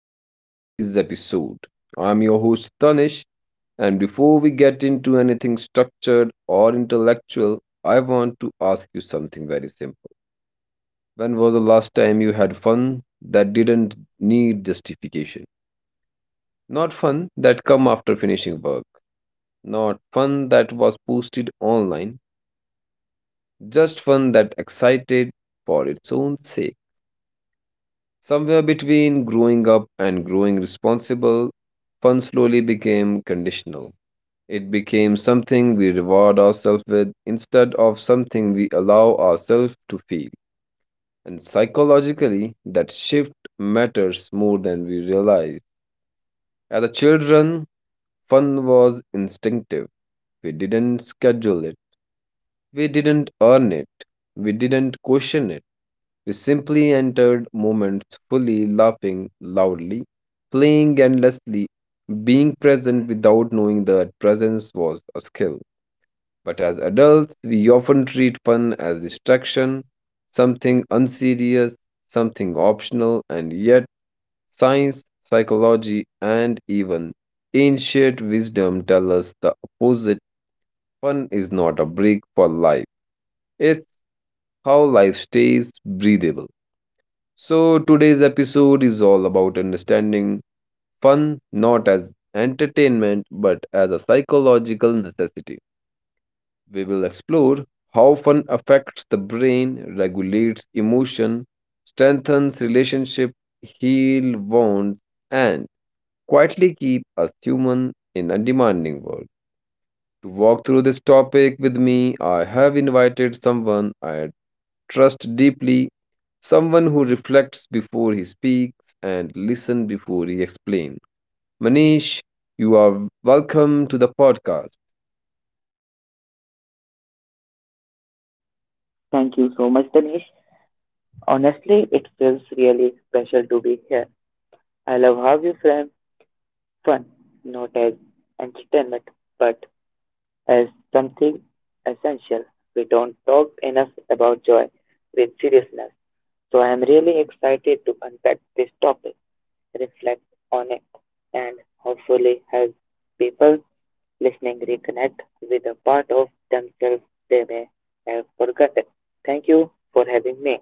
back to today's episode. I'm your host Tanish, and before we get into anything structured or intellectual, I want to ask you something very simple. When was the last time you had fun that didn't need justification? Not fun that come after finishing work, not fun that was posted online, just fun that excited for its own sake. Somewhere between growing up and growing responsible, fun slowly became conditional. It became something we reward ourselves with instead of something we allow ourselves to feel. And psychologically, that shift matters more than we realize. As a children, fun was instinctive. We didn't schedule it. We didn't earn it. We didn't question it. We simply entered moments fully, laughing loudly, playing endlessly, being present without knowing that presence was a skill. But as adults, we often treat fun as distraction, something unserious, something optional, and yet science, psychology, and even ancient wisdom tell us the opposite. Fun is not a break for life, it's how life stays breathable. So, today's episode is all about understanding fun not as entertainment but as a psychological necessity. We will explore how fun affects the brain, regulates emotion, strengthens relationship, heal wounds, and quietly keep us human in a demanding world. To walk through this topic with me, I have invited someone I trust deeply. Someone who reflects before he speaks and listens before he explains. Manish, you are welcome to the podcast. Thank you so much, Danish. Honestly, it feels really special to be here. I love how you frame fun, not as entertainment, but as something essential. We don't talk enough about joy with seriousness. So I am really excited to unpack this topic, reflect on it, and hopefully help people listening reconnect with a part of themselves they may have forgotten. Thank you for having me.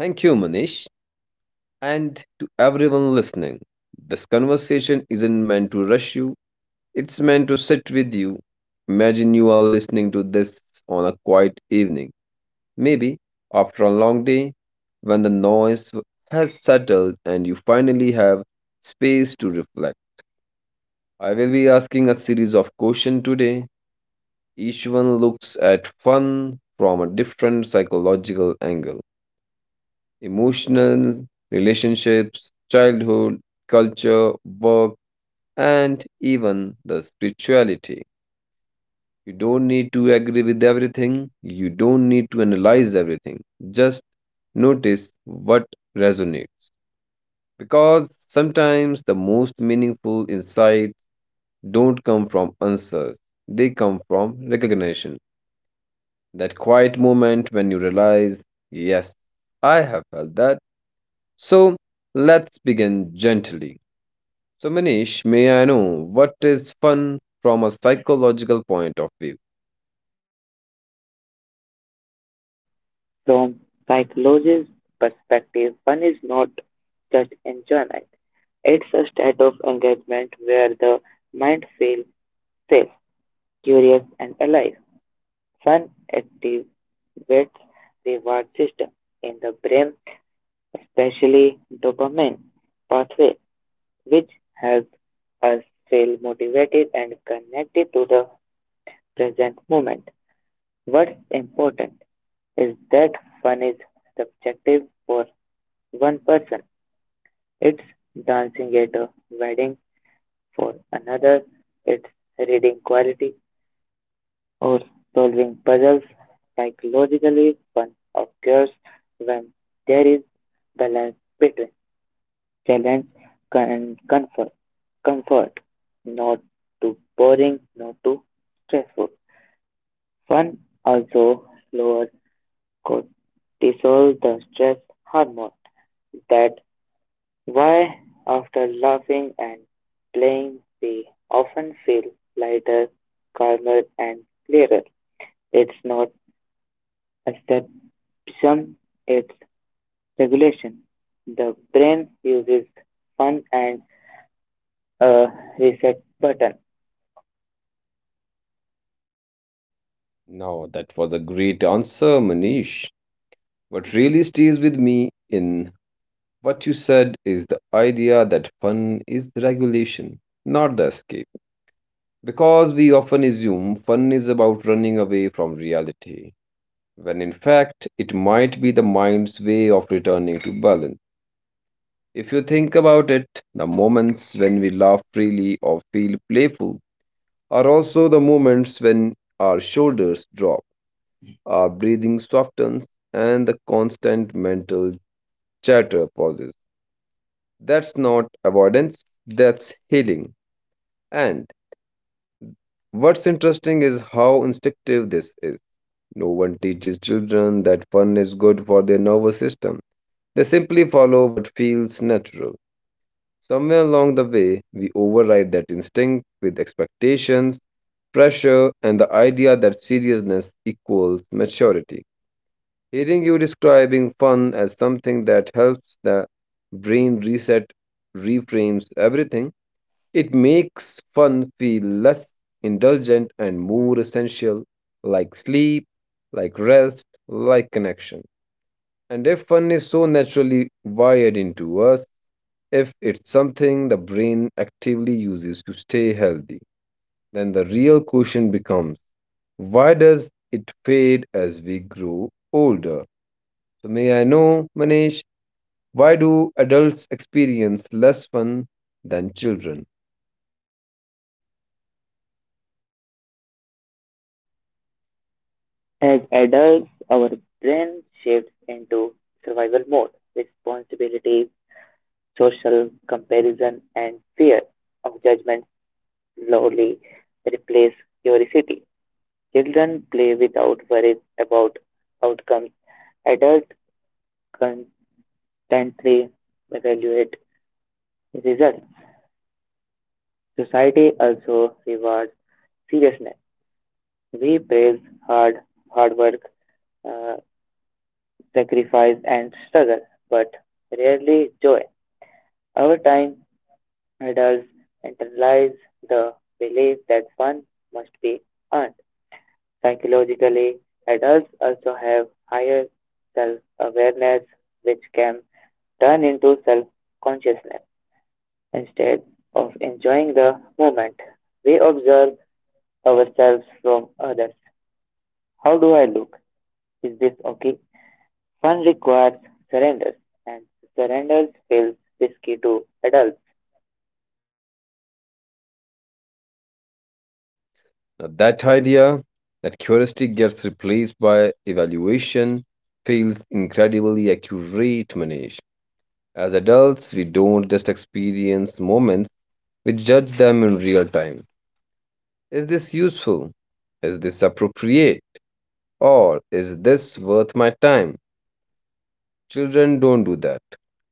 Thank you, Manish. And to everyone listening, this conversation isn't meant to rush you, it's meant to sit with you. Imagine you are listening to this on a quiet evening, maybe after a long day when the noise has settled and you finally have space to reflect. I will be asking a series of questions today. Each one looks at fun from a different psychological angle: emotional, relationships, childhood, culture, work, and even the spirituality. You don't need to agree with everything, you don't need to analyze everything. Just notice what resonates. Because sometimes the most meaningful insights don't come from answers, they come from recognition. That quiet moment when you realize, yes, I have felt that. So let's begin gently. So, Manish, may I know, what is fun from a psychological point of view? From psychologist's perspective, fun is not just enjoyment. It's a state of engagement where the mind feels safe, curious, and alive. Fun activates the reward system in the brain, especially dopamine pathway, which helps us feel motivated and connected to the present moment. What's important is that fun is subjective. For one person, it's dancing at a wedding. For another, it's reading quality or solving puzzles. Psychologically, fun occurs when there is balance between challenge and comfort. Comfort, not too boring, not too stressful. Fun also lowers cortisol, the stress hormone that. Why, after laughing and playing we often feel lighter, calmer and clearer. It's not escapism, it's regulation. The brain uses fun and a reset button. Now, that was a great answer, Manish. What really stays with me in what you said is the idea that fun is the regulation, not the escape. Because we often assume fun is about running away from reality, when in fact it might be the mind's way of returning to balance. If you think about it, the moments when we laugh freely or feel playful are also the moments when our shoulders drop, our breathing softens, and the constant mental chatter pauses. That's not avoidance, that's healing. And what's interesting is how instinctive this is. No one teaches children that fun is good for their nervous system. They simply follow what feels natural. Somewhere along the way, we override that instinct with expectations, pressure, and the idea that seriousness equals maturity. Hearing you describing fun as something that helps the brain reset reframes everything. It makes fun feel less indulgent and more essential, like sleep, like rest, like connection. And if fun is so naturally wired into us, if it's something the brain actively uses to stay healthy, then the real question becomes, why does it fade as we grow older? So, may I know, Manish, why do adults experience less fun than children? As adults, our brain shifts into survival mode. Responsibility, social comparison, and fear of judgment slowly replace curiosity. Children play without worries about outcomes. Adults constantly evaluate results. Society also rewards seriousness. We praise hard, hard work, uh, sacrifice, and struggle, but rarely joy. Over time, adults internalize the belief that fun must be earned. Psychologically, adults also have higher self awareness, which can turn into self consciousness. Instead of enjoying the moment, we observe ourselves from others. How do I look? Is this okay? Fun requires surrender, and surrender feels risky to adults. Now, that idea that curiosity gets replaced by evaluation feels incredibly accurate, Manish. As adults, we don't just experience moments, we judge them in real time. Is this useful? Is this appropriate? Or is this worth my time? Children don't do that.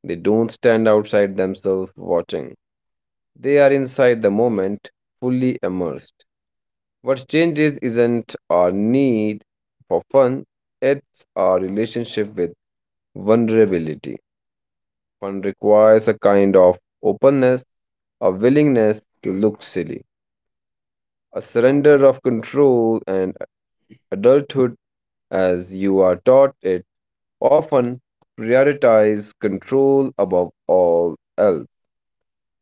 They don't stand outside themselves watching. They are inside the moment, fully immersed. What changes isn't our need for fun, it's our relationship with vulnerability. Fun requires a kind of openness, a willingness to look silly, a surrender of control, and adulthood, as you are taught it, often prioritize control above all else.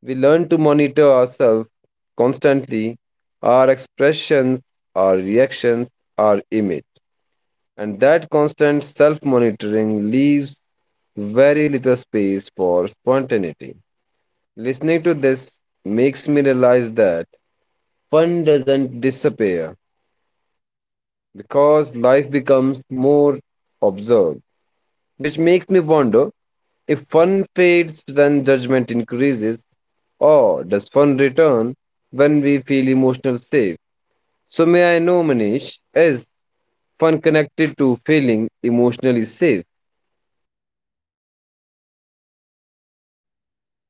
We learn to monitor ourselves constantly, our expressions, our reactions, our image. And that constant self monitoring leaves very little space for spontaneity. Listening to this makes me realize that fun doesn't disappear because life becomes more observed. Which makes me wonder, if fun fades when judgment increases, or does fun return when we feel emotional safe? So, may I know, Manish, is fun connected to feeling emotionally safe?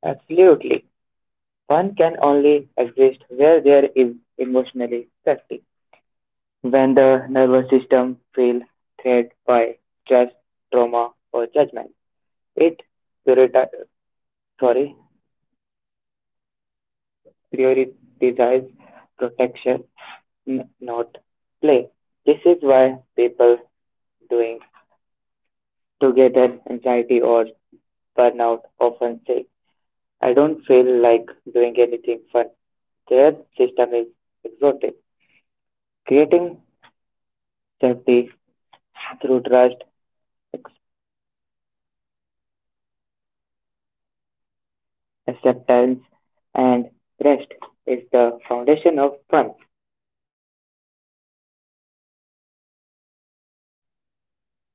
Absolutely. Fun can only exist where there is emotionally safety. When the nervous system feels threatened by stress, trauma, or judgment, it purita- sorry, prioritise protection, not play. This is why people doing together anxiety or burnout often say, I don't feel like doing anything fun. Their system is exhausted. Creating safety through trust, acceptance, and rest is the foundation of fun.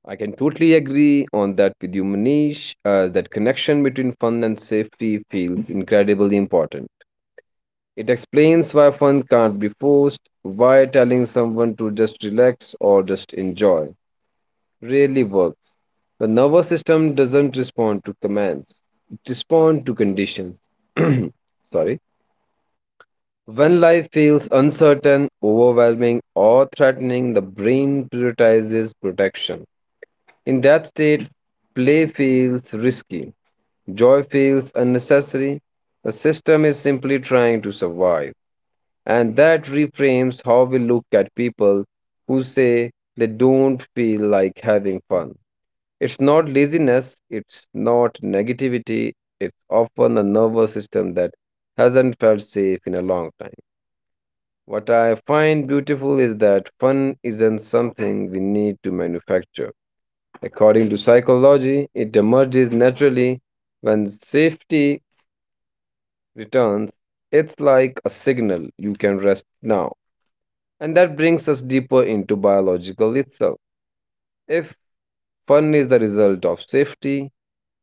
I can totally agree on that with you, Manish, as that connection between fun and safety feels incredibly important. It explains why fun can't be forced, why telling someone to just relax or just enjoy rarely works. The nervous system doesn't respond to commands, it responds to conditions. Sorry. When life feels uncertain, overwhelming, or threatening, the brain prioritizes protection. In that state, play feels risky, joy feels unnecessary. The system is simply trying to survive. And that reframes how we look at people who say they don't feel like having fun. It's not laziness, it's not negativity, it's often a nervous system that hasn't felt safe in a long time. What I find beautiful is that fun isn't something we need to manufacture. According to psychology, it emerges naturally when safety returns. It's like a signal: you can rest now. And that brings us deeper into biological itself. If fun is the result of safety,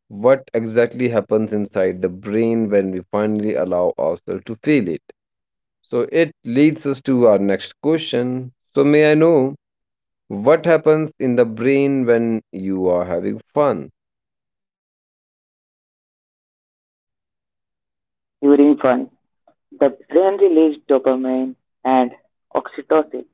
what exactly happens inside the brain when we finally allow ourselves to feel it? So it leads us to our next question. So, may I know, what happens in the brain when you are having fun? During fun, the brain releases dopamine and oxytocin.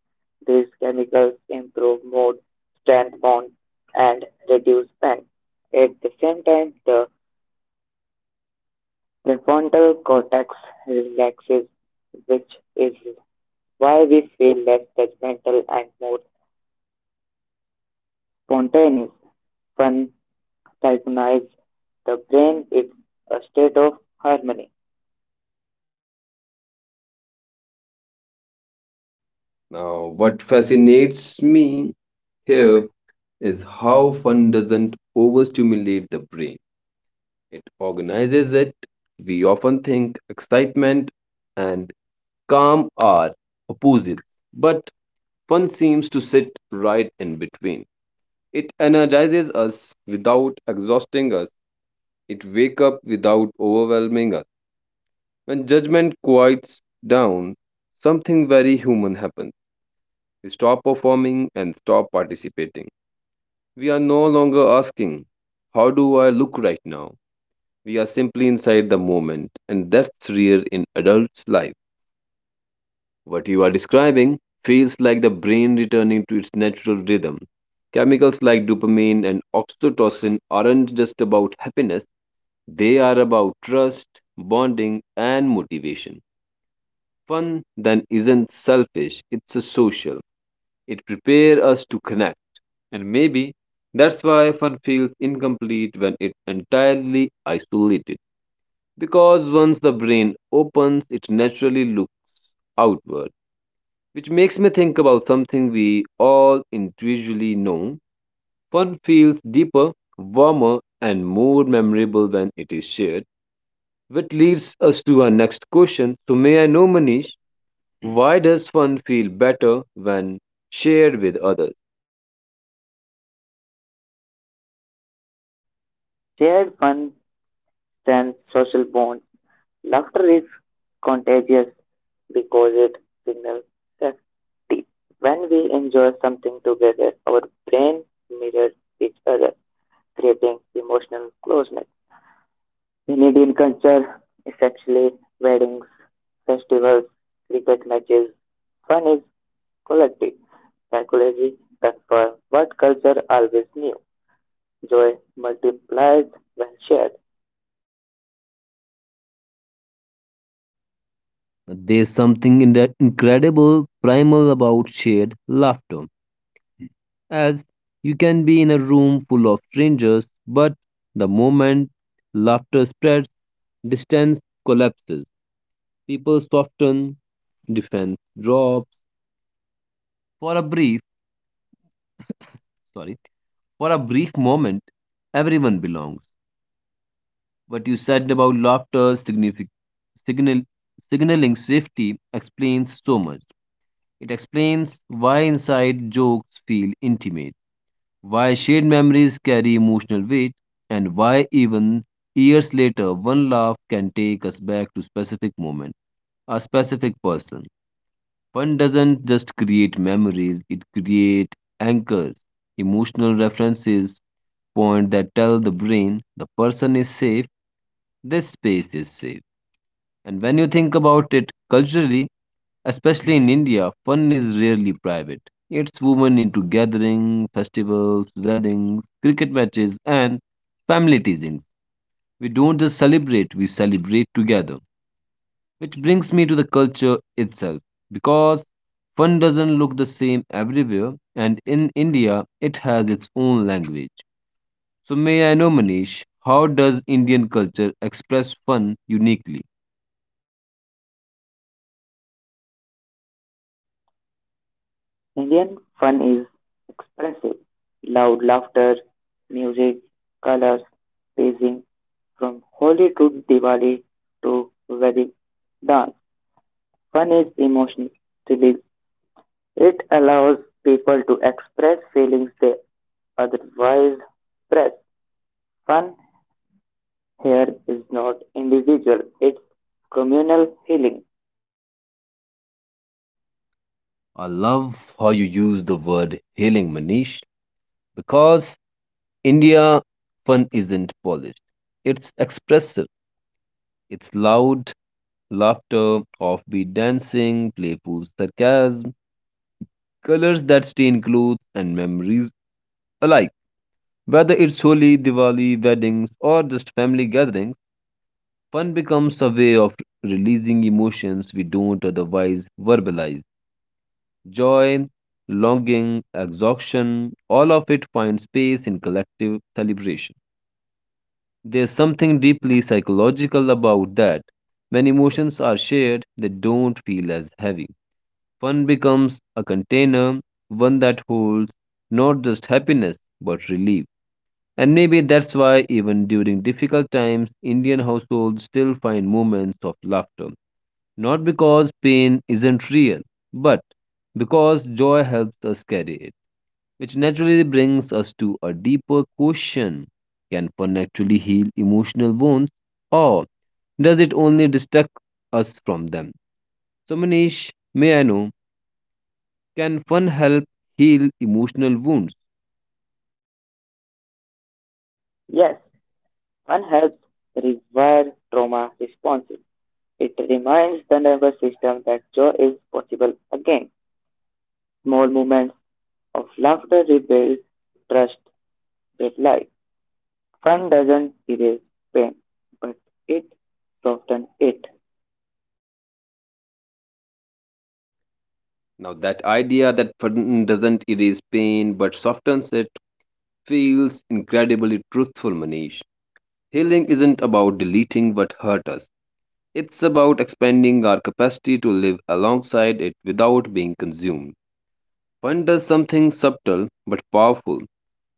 These chemicals improve mood, strengthen bonds, and reduce pain. At the same time, the prefrontal cortex relaxes, which is why we feel less judgmental and more spontaneous. Fun synchronizes the brain is a state of harmony. Now, what fascinates me here is how fun doesn't overstimulate the brain. It organizes it. We often think excitement and calm are opposites, but fun seems to sit right in between. It energizes us without exhausting us. It wakes up without overwhelming us. When judgment quiets down, something very human happens. We stop performing and stop participating. We are no longer asking, how do I look right now? We are simply inside the moment, and that's rare in adults' life. What you are describing feels like the brain returning to its natural rhythm. Chemicals like dopamine and oxytocin aren't just about happiness, they are about trust, bonding, and motivation. Fun then isn't selfish, it's a social. It prepares us to connect. And maybe that's why fun feels incomplete when it's entirely isolated. Because once the brain opens, it naturally looks outward, which makes me think about something we all individually know. Fun feels deeper, warmer, and more memorable when it is shared, which leads us to our next question. So, may I know, Manish, why does fun feel better when shared with others? Shared fun strengthens social bonds. Laughter is contagious because it signals safety. When we enjoy something together, our brain mirrors each other, creating emotional closeness. In Indian culture, especially weddings, festivals, cricket matches, fun is collective. Psychology confirms what culture always knew. Joy multiplies when shared. There's something in that incredible primal about shared laughter. As you can be in a room full of strangers, but the moment laughter spreads, distance collapses. People soften, defense drops. For a brief, sorry, for a brief moment, everyone belongs. What you said about laughter, signal, signaling safety, explains so much. It explains why inside jokes feel intimate, why shared memories carry emotional weight, and why even years later, one laugh can take us back to a specific person. Fun doesn't just create memories, it creates anchors, emotional references, point that tell the brain the person is safe, this space is safe. And when you think about it culturally, especially in India, fun is rarely private. It's woven into gatherings, festivals, weddings, cricket matches, and family teasings. We don't just celebrate, we celebrate together. Which brings me to the culture itself, because fun doesn't look the same everywhere, and in India, it has its own language. So, may I know, Manish, how does Indian culture express fun uniquely? Indian fun is expressive. Loud laughter, music, colors, pacing. From Holi to Diwali to Wedding dance, fun is emotional release. It allows people to express feelings they otherwise suppress. Fun here is not individual, it's communal healing. I love how you use the word healing, Manish, because India fun isn't polished. It's expressive, it's loud, laughter, offbeat dancing, playful sarcasm, colors that stain clothes, and memories alike. Whether it's Holi, Diwali, weddings, or just family gatherings, fun becomes a way of releasing emotions we don't otherwise verbalize. Joy, longing, exhaustion, all of it finds space in collective celebration. There's something deeply psychological about that. When emotions are shared, they don't feel as heavy. Fun becomes a container, one that holds not just happiness, but relief. And maybe that's why, even during difficult times, Indian households still find moments of laughter. Not because pain isn't real, but because joy helps us carry it. Which naturally brings us to a deeper question. Can fun actually heal emotional wounds, or does it only distract us from them? So, Manish, may I know, can fun help heal emotional wounds? Yes, fun helps rewire trauma responses. It reminds the nervous system that joy is possible again. Small moments of laughter rebuild trust with life. Fun doesn't erase pain, but it softens it. Now, that idea that pardon doesn't erase pain but softens it feels incredibly truthful, Manish. Healing isn't about deleting what hurt us, it's about expanding our capacity to live alongside it without being consumed. Fun does something subtle but powerful.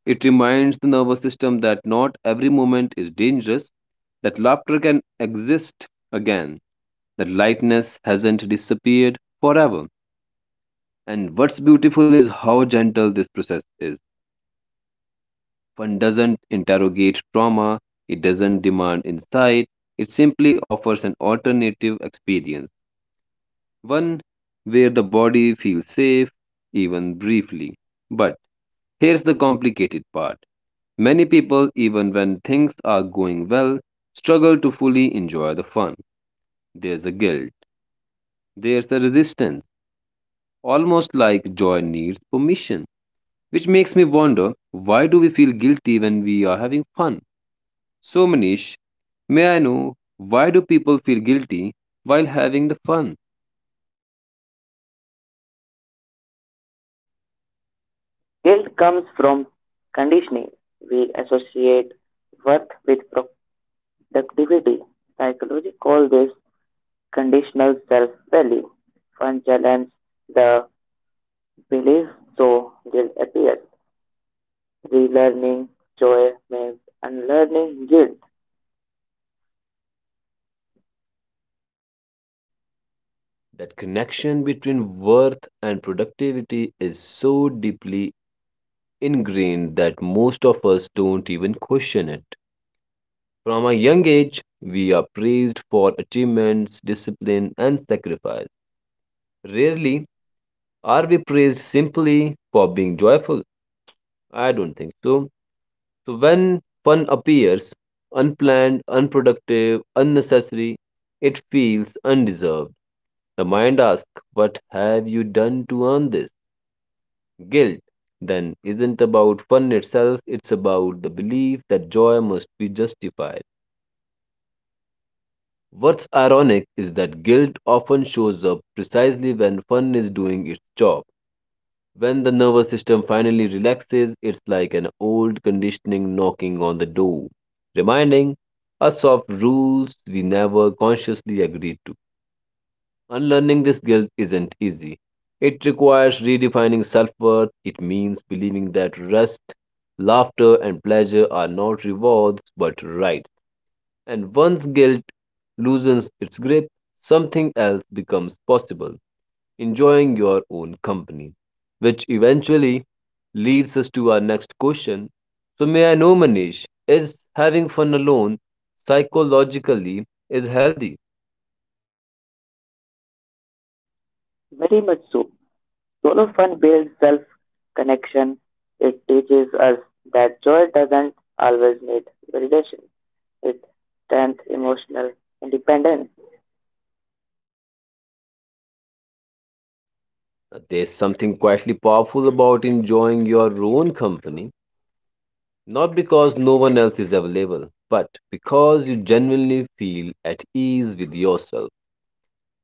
It reminds the nervous system that not every moment is dangerous, that laughter can exist again, that lightness hasn't disappeared forever. And what's beautiful is how gentle this process is. Fun doesn't interrogate trauma, it doesn't demand insight, it simply offers an alternative experience, one where the body feels safe, even briefly. But here's the complicated part. Many people, even when things are going well, struggle to fully enjoy the fun. There's a guilt, there's a resistance, almost like joy needs permission. Which makes me wonder, why do we feel guilty when we are having fun? So, Manish, may I know why do people feel guilty while having the fun? Guilt comes from conditioning. We associate worth with productivity. Psychology call this conditional self-value. Fun challenges the belief, so guilt appears. Relearning joy means unlearning guilt. That connection between worth and productivity is so deeply ingrained that most of us don't even question it. From a young age, we are praised for achievements, discipline, and sacrifice. Rarely are we praised simply for being joyful. I don't think so. So when fun appears, unplanned, unproductive, unnecessary, it feels undeserved. The mind asks, what have you done to earn this? Guilt then isn't about fun itself, it's about the belief that joy must be justified. What's ironic is that guilt often shows up precisely when fun is doing its job. When the nervous system finally relaxes, it's like an old conditioning knocking on the door, reminding us of rules we never consciously agreed to. Unlearning this guilt isn't easy. It requires redefining self worth. It means believing that rest, laughter, and pleasure are not rewards but rights. And once guilt loosens its grip, something else becomes possible: enjoying your own company, which eventually leads us to our next question. So, may I know, Manish, is having fun alone psychologically is healthy? Very much so. Solo fun builds self-connection. It teaches us that joy doesn't always need validation. With strength, emotional independence. Now, there's something quietly powerful about enjoying your own company, not because no one else is available, but because you genuinely feel at ease with yourself.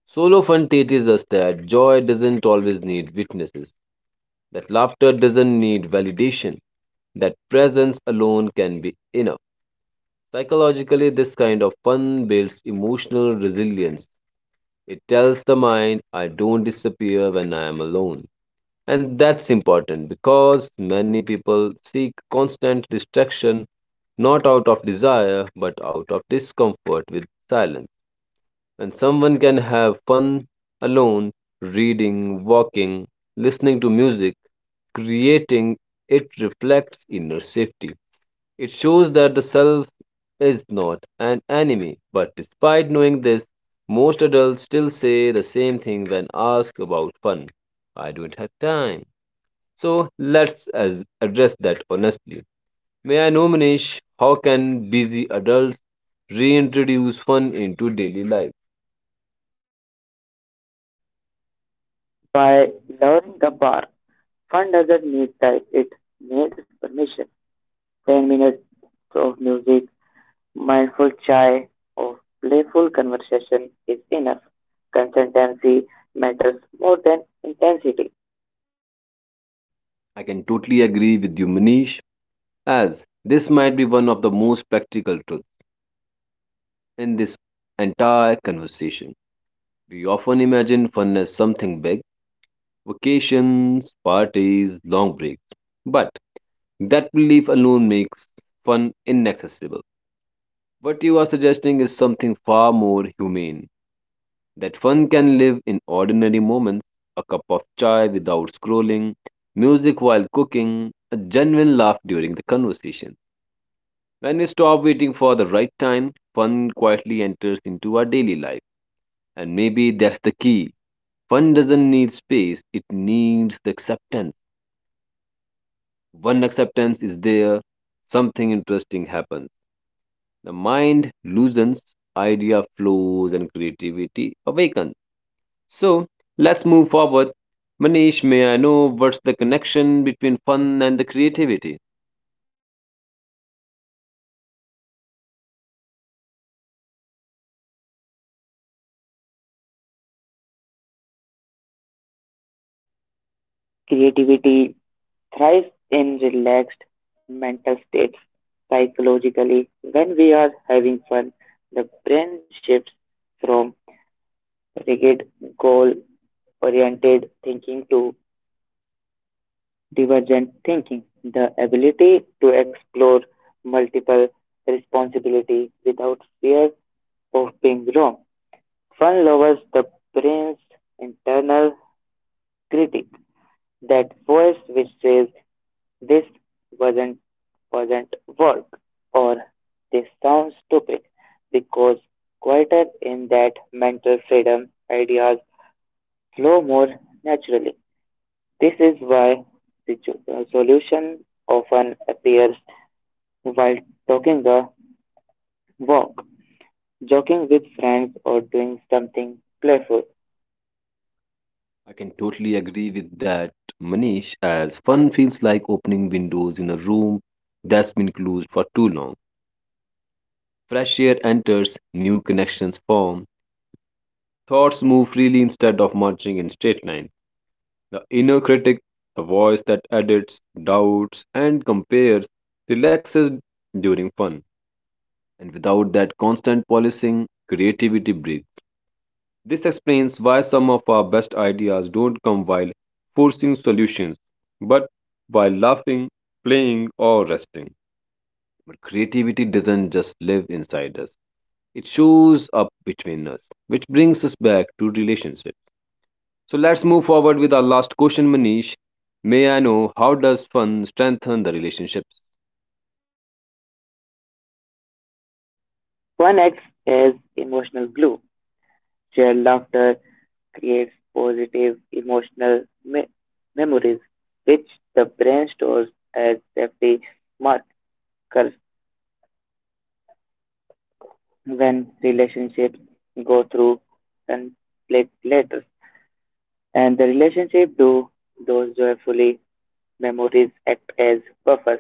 Solo fun teaches us that joy doesn't always need witnesses, that laughter doesn't need validation, that presence alone can be enough. Psychologically, this kind of fun builds emotional resilience. It tells the mind, I don't disappear when I am alone. And that's important because many people seek constant distraction not out of desire but out of discomfort with silence. And someone can have fun alone, reading, walking, listening to music, creating. It reflects inner safety. It shows that the self is not an enemy. But despite knowing this, most adults still say the same thing when asked about fun. I don't have time. So let's as address that honestly. May I know, Manish, how can busy adults reintroduce fun into daily life? By lowering the bar, fun doesn't need type, it needs permission. 10 minutes of music, mindful chai, or playful conversation is enough. Consistency matters more than intensity. I can totally agree with you, Manish, as this might be one of the most practical truths in this entire conversation. We often imagine fun as something big: vacations, parties, long breaks. But that belief alone makes fun inaccessible. What you are suggesting is something far more humane: that fun can live in ordinary moments, a cup of chai without scrolling, music while cooking, a genuine laugh during the conversation. When we stop waiting for the right time, fun quietly enters into our daily life. And maybe that's the key. Fun doesn't need space, it needs the acceptance. When acceptance is there, something interesting happens. The mind loosens, idea flows, and creativity awakens. So let's move forward. Manish, may I know what's the connection between fun and the creativity? Creativity thrives in relaxed mental states. Psychologically, when we are having fun, the brain shifts from rigid goal oriented thinking to divergent thinking, the ability to explore multiple responsibility without fear of being wrong. Fun lowers the brain's internal critic, that voice which says this wasn't wasn't work or this sounds stupid because quieter in that mental freedom ideas flow more naturally. This is why the solution often appears while taking a walk, joking with friends, or doing something playful. I can totally agree with that, Manish, as fun feels like opening windows in a room that's been closed for too long. Fresh air enters, new connections form, thoughts move freely instead of marching in straight lines. The inner critic, the voice that edits, doubts, and compares, relaxes during fun. And without that constant policing, creativity breathes. This explains why some of our best ideas don't come while forcing solutions, but while laughing, playing, or resting. But creativity doesn't just live inside us, it shows up between us, which brings us back to relationships. So let's move forward with our last question, Manish. May I know how does fun strengthen the relationships? Fun acts as emotional glue. Shared laughter creates positive emotional memories, which the brain stores as safety markers when relationships go through conflict later. And the relationship do those joyfully. Memories act as buffers.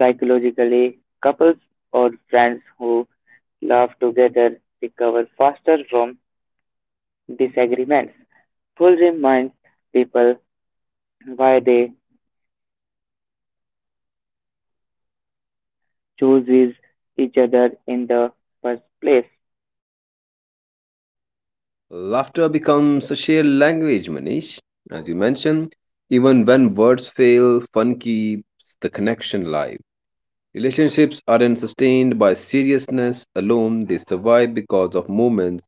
Psychologically, couples or friends who laugh together recover faster from disagreements. Full reminds people why they choose each other in the first place. Laughter becomes a shared language, Manish. As you mentioned, even when words fail, fun keeps the connection live. Relationships aren't sustained by seriousness alone, they survive because of moments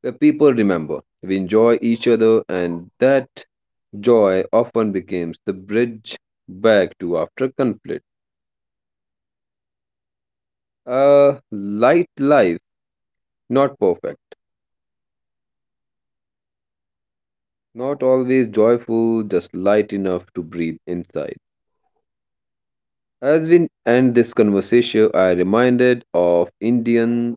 where people remember. We enjoy each other, and that joy often becomes the bridge back to after conflict. A light life, not perfect, not always joyful, just light enough to breathe inside. As we end this conversation, I reminded of Indian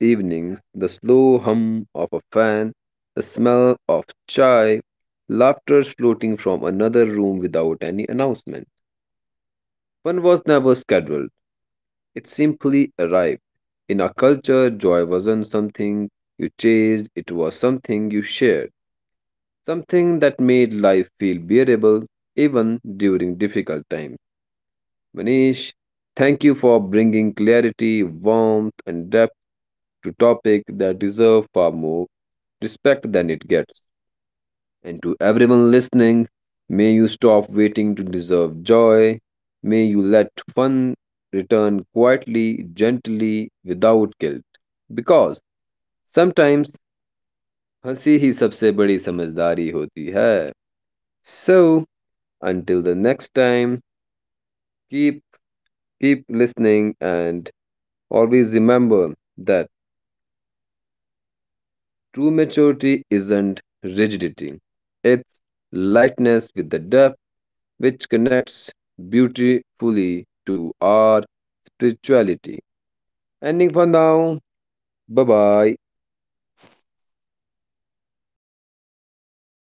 evenings, the slow hum of a fan, the smell of chai, laughter floating from another room without any announcement. Fun was never scheduled, it simply arrived. In our culture, joy wasn't something you chased, it was something you shared, something that made life feel bearable even during difficult times. Manish, thank you for bringing clarity, warmth, and depth to topics that deserve far more respect than it gets. And to everyone listening, may you stop waiting to deserve joy. May you let fun return quietly, gently, without guilt. Because sometimes हंसी ही सबसे बड़ी समझदारी होती है. So until the next time, keep keep listening and always remember that. True maturity isn't rigidity, it's lightness with the depth which connects beautifully to our spirituality. Ending for now. Bye bye.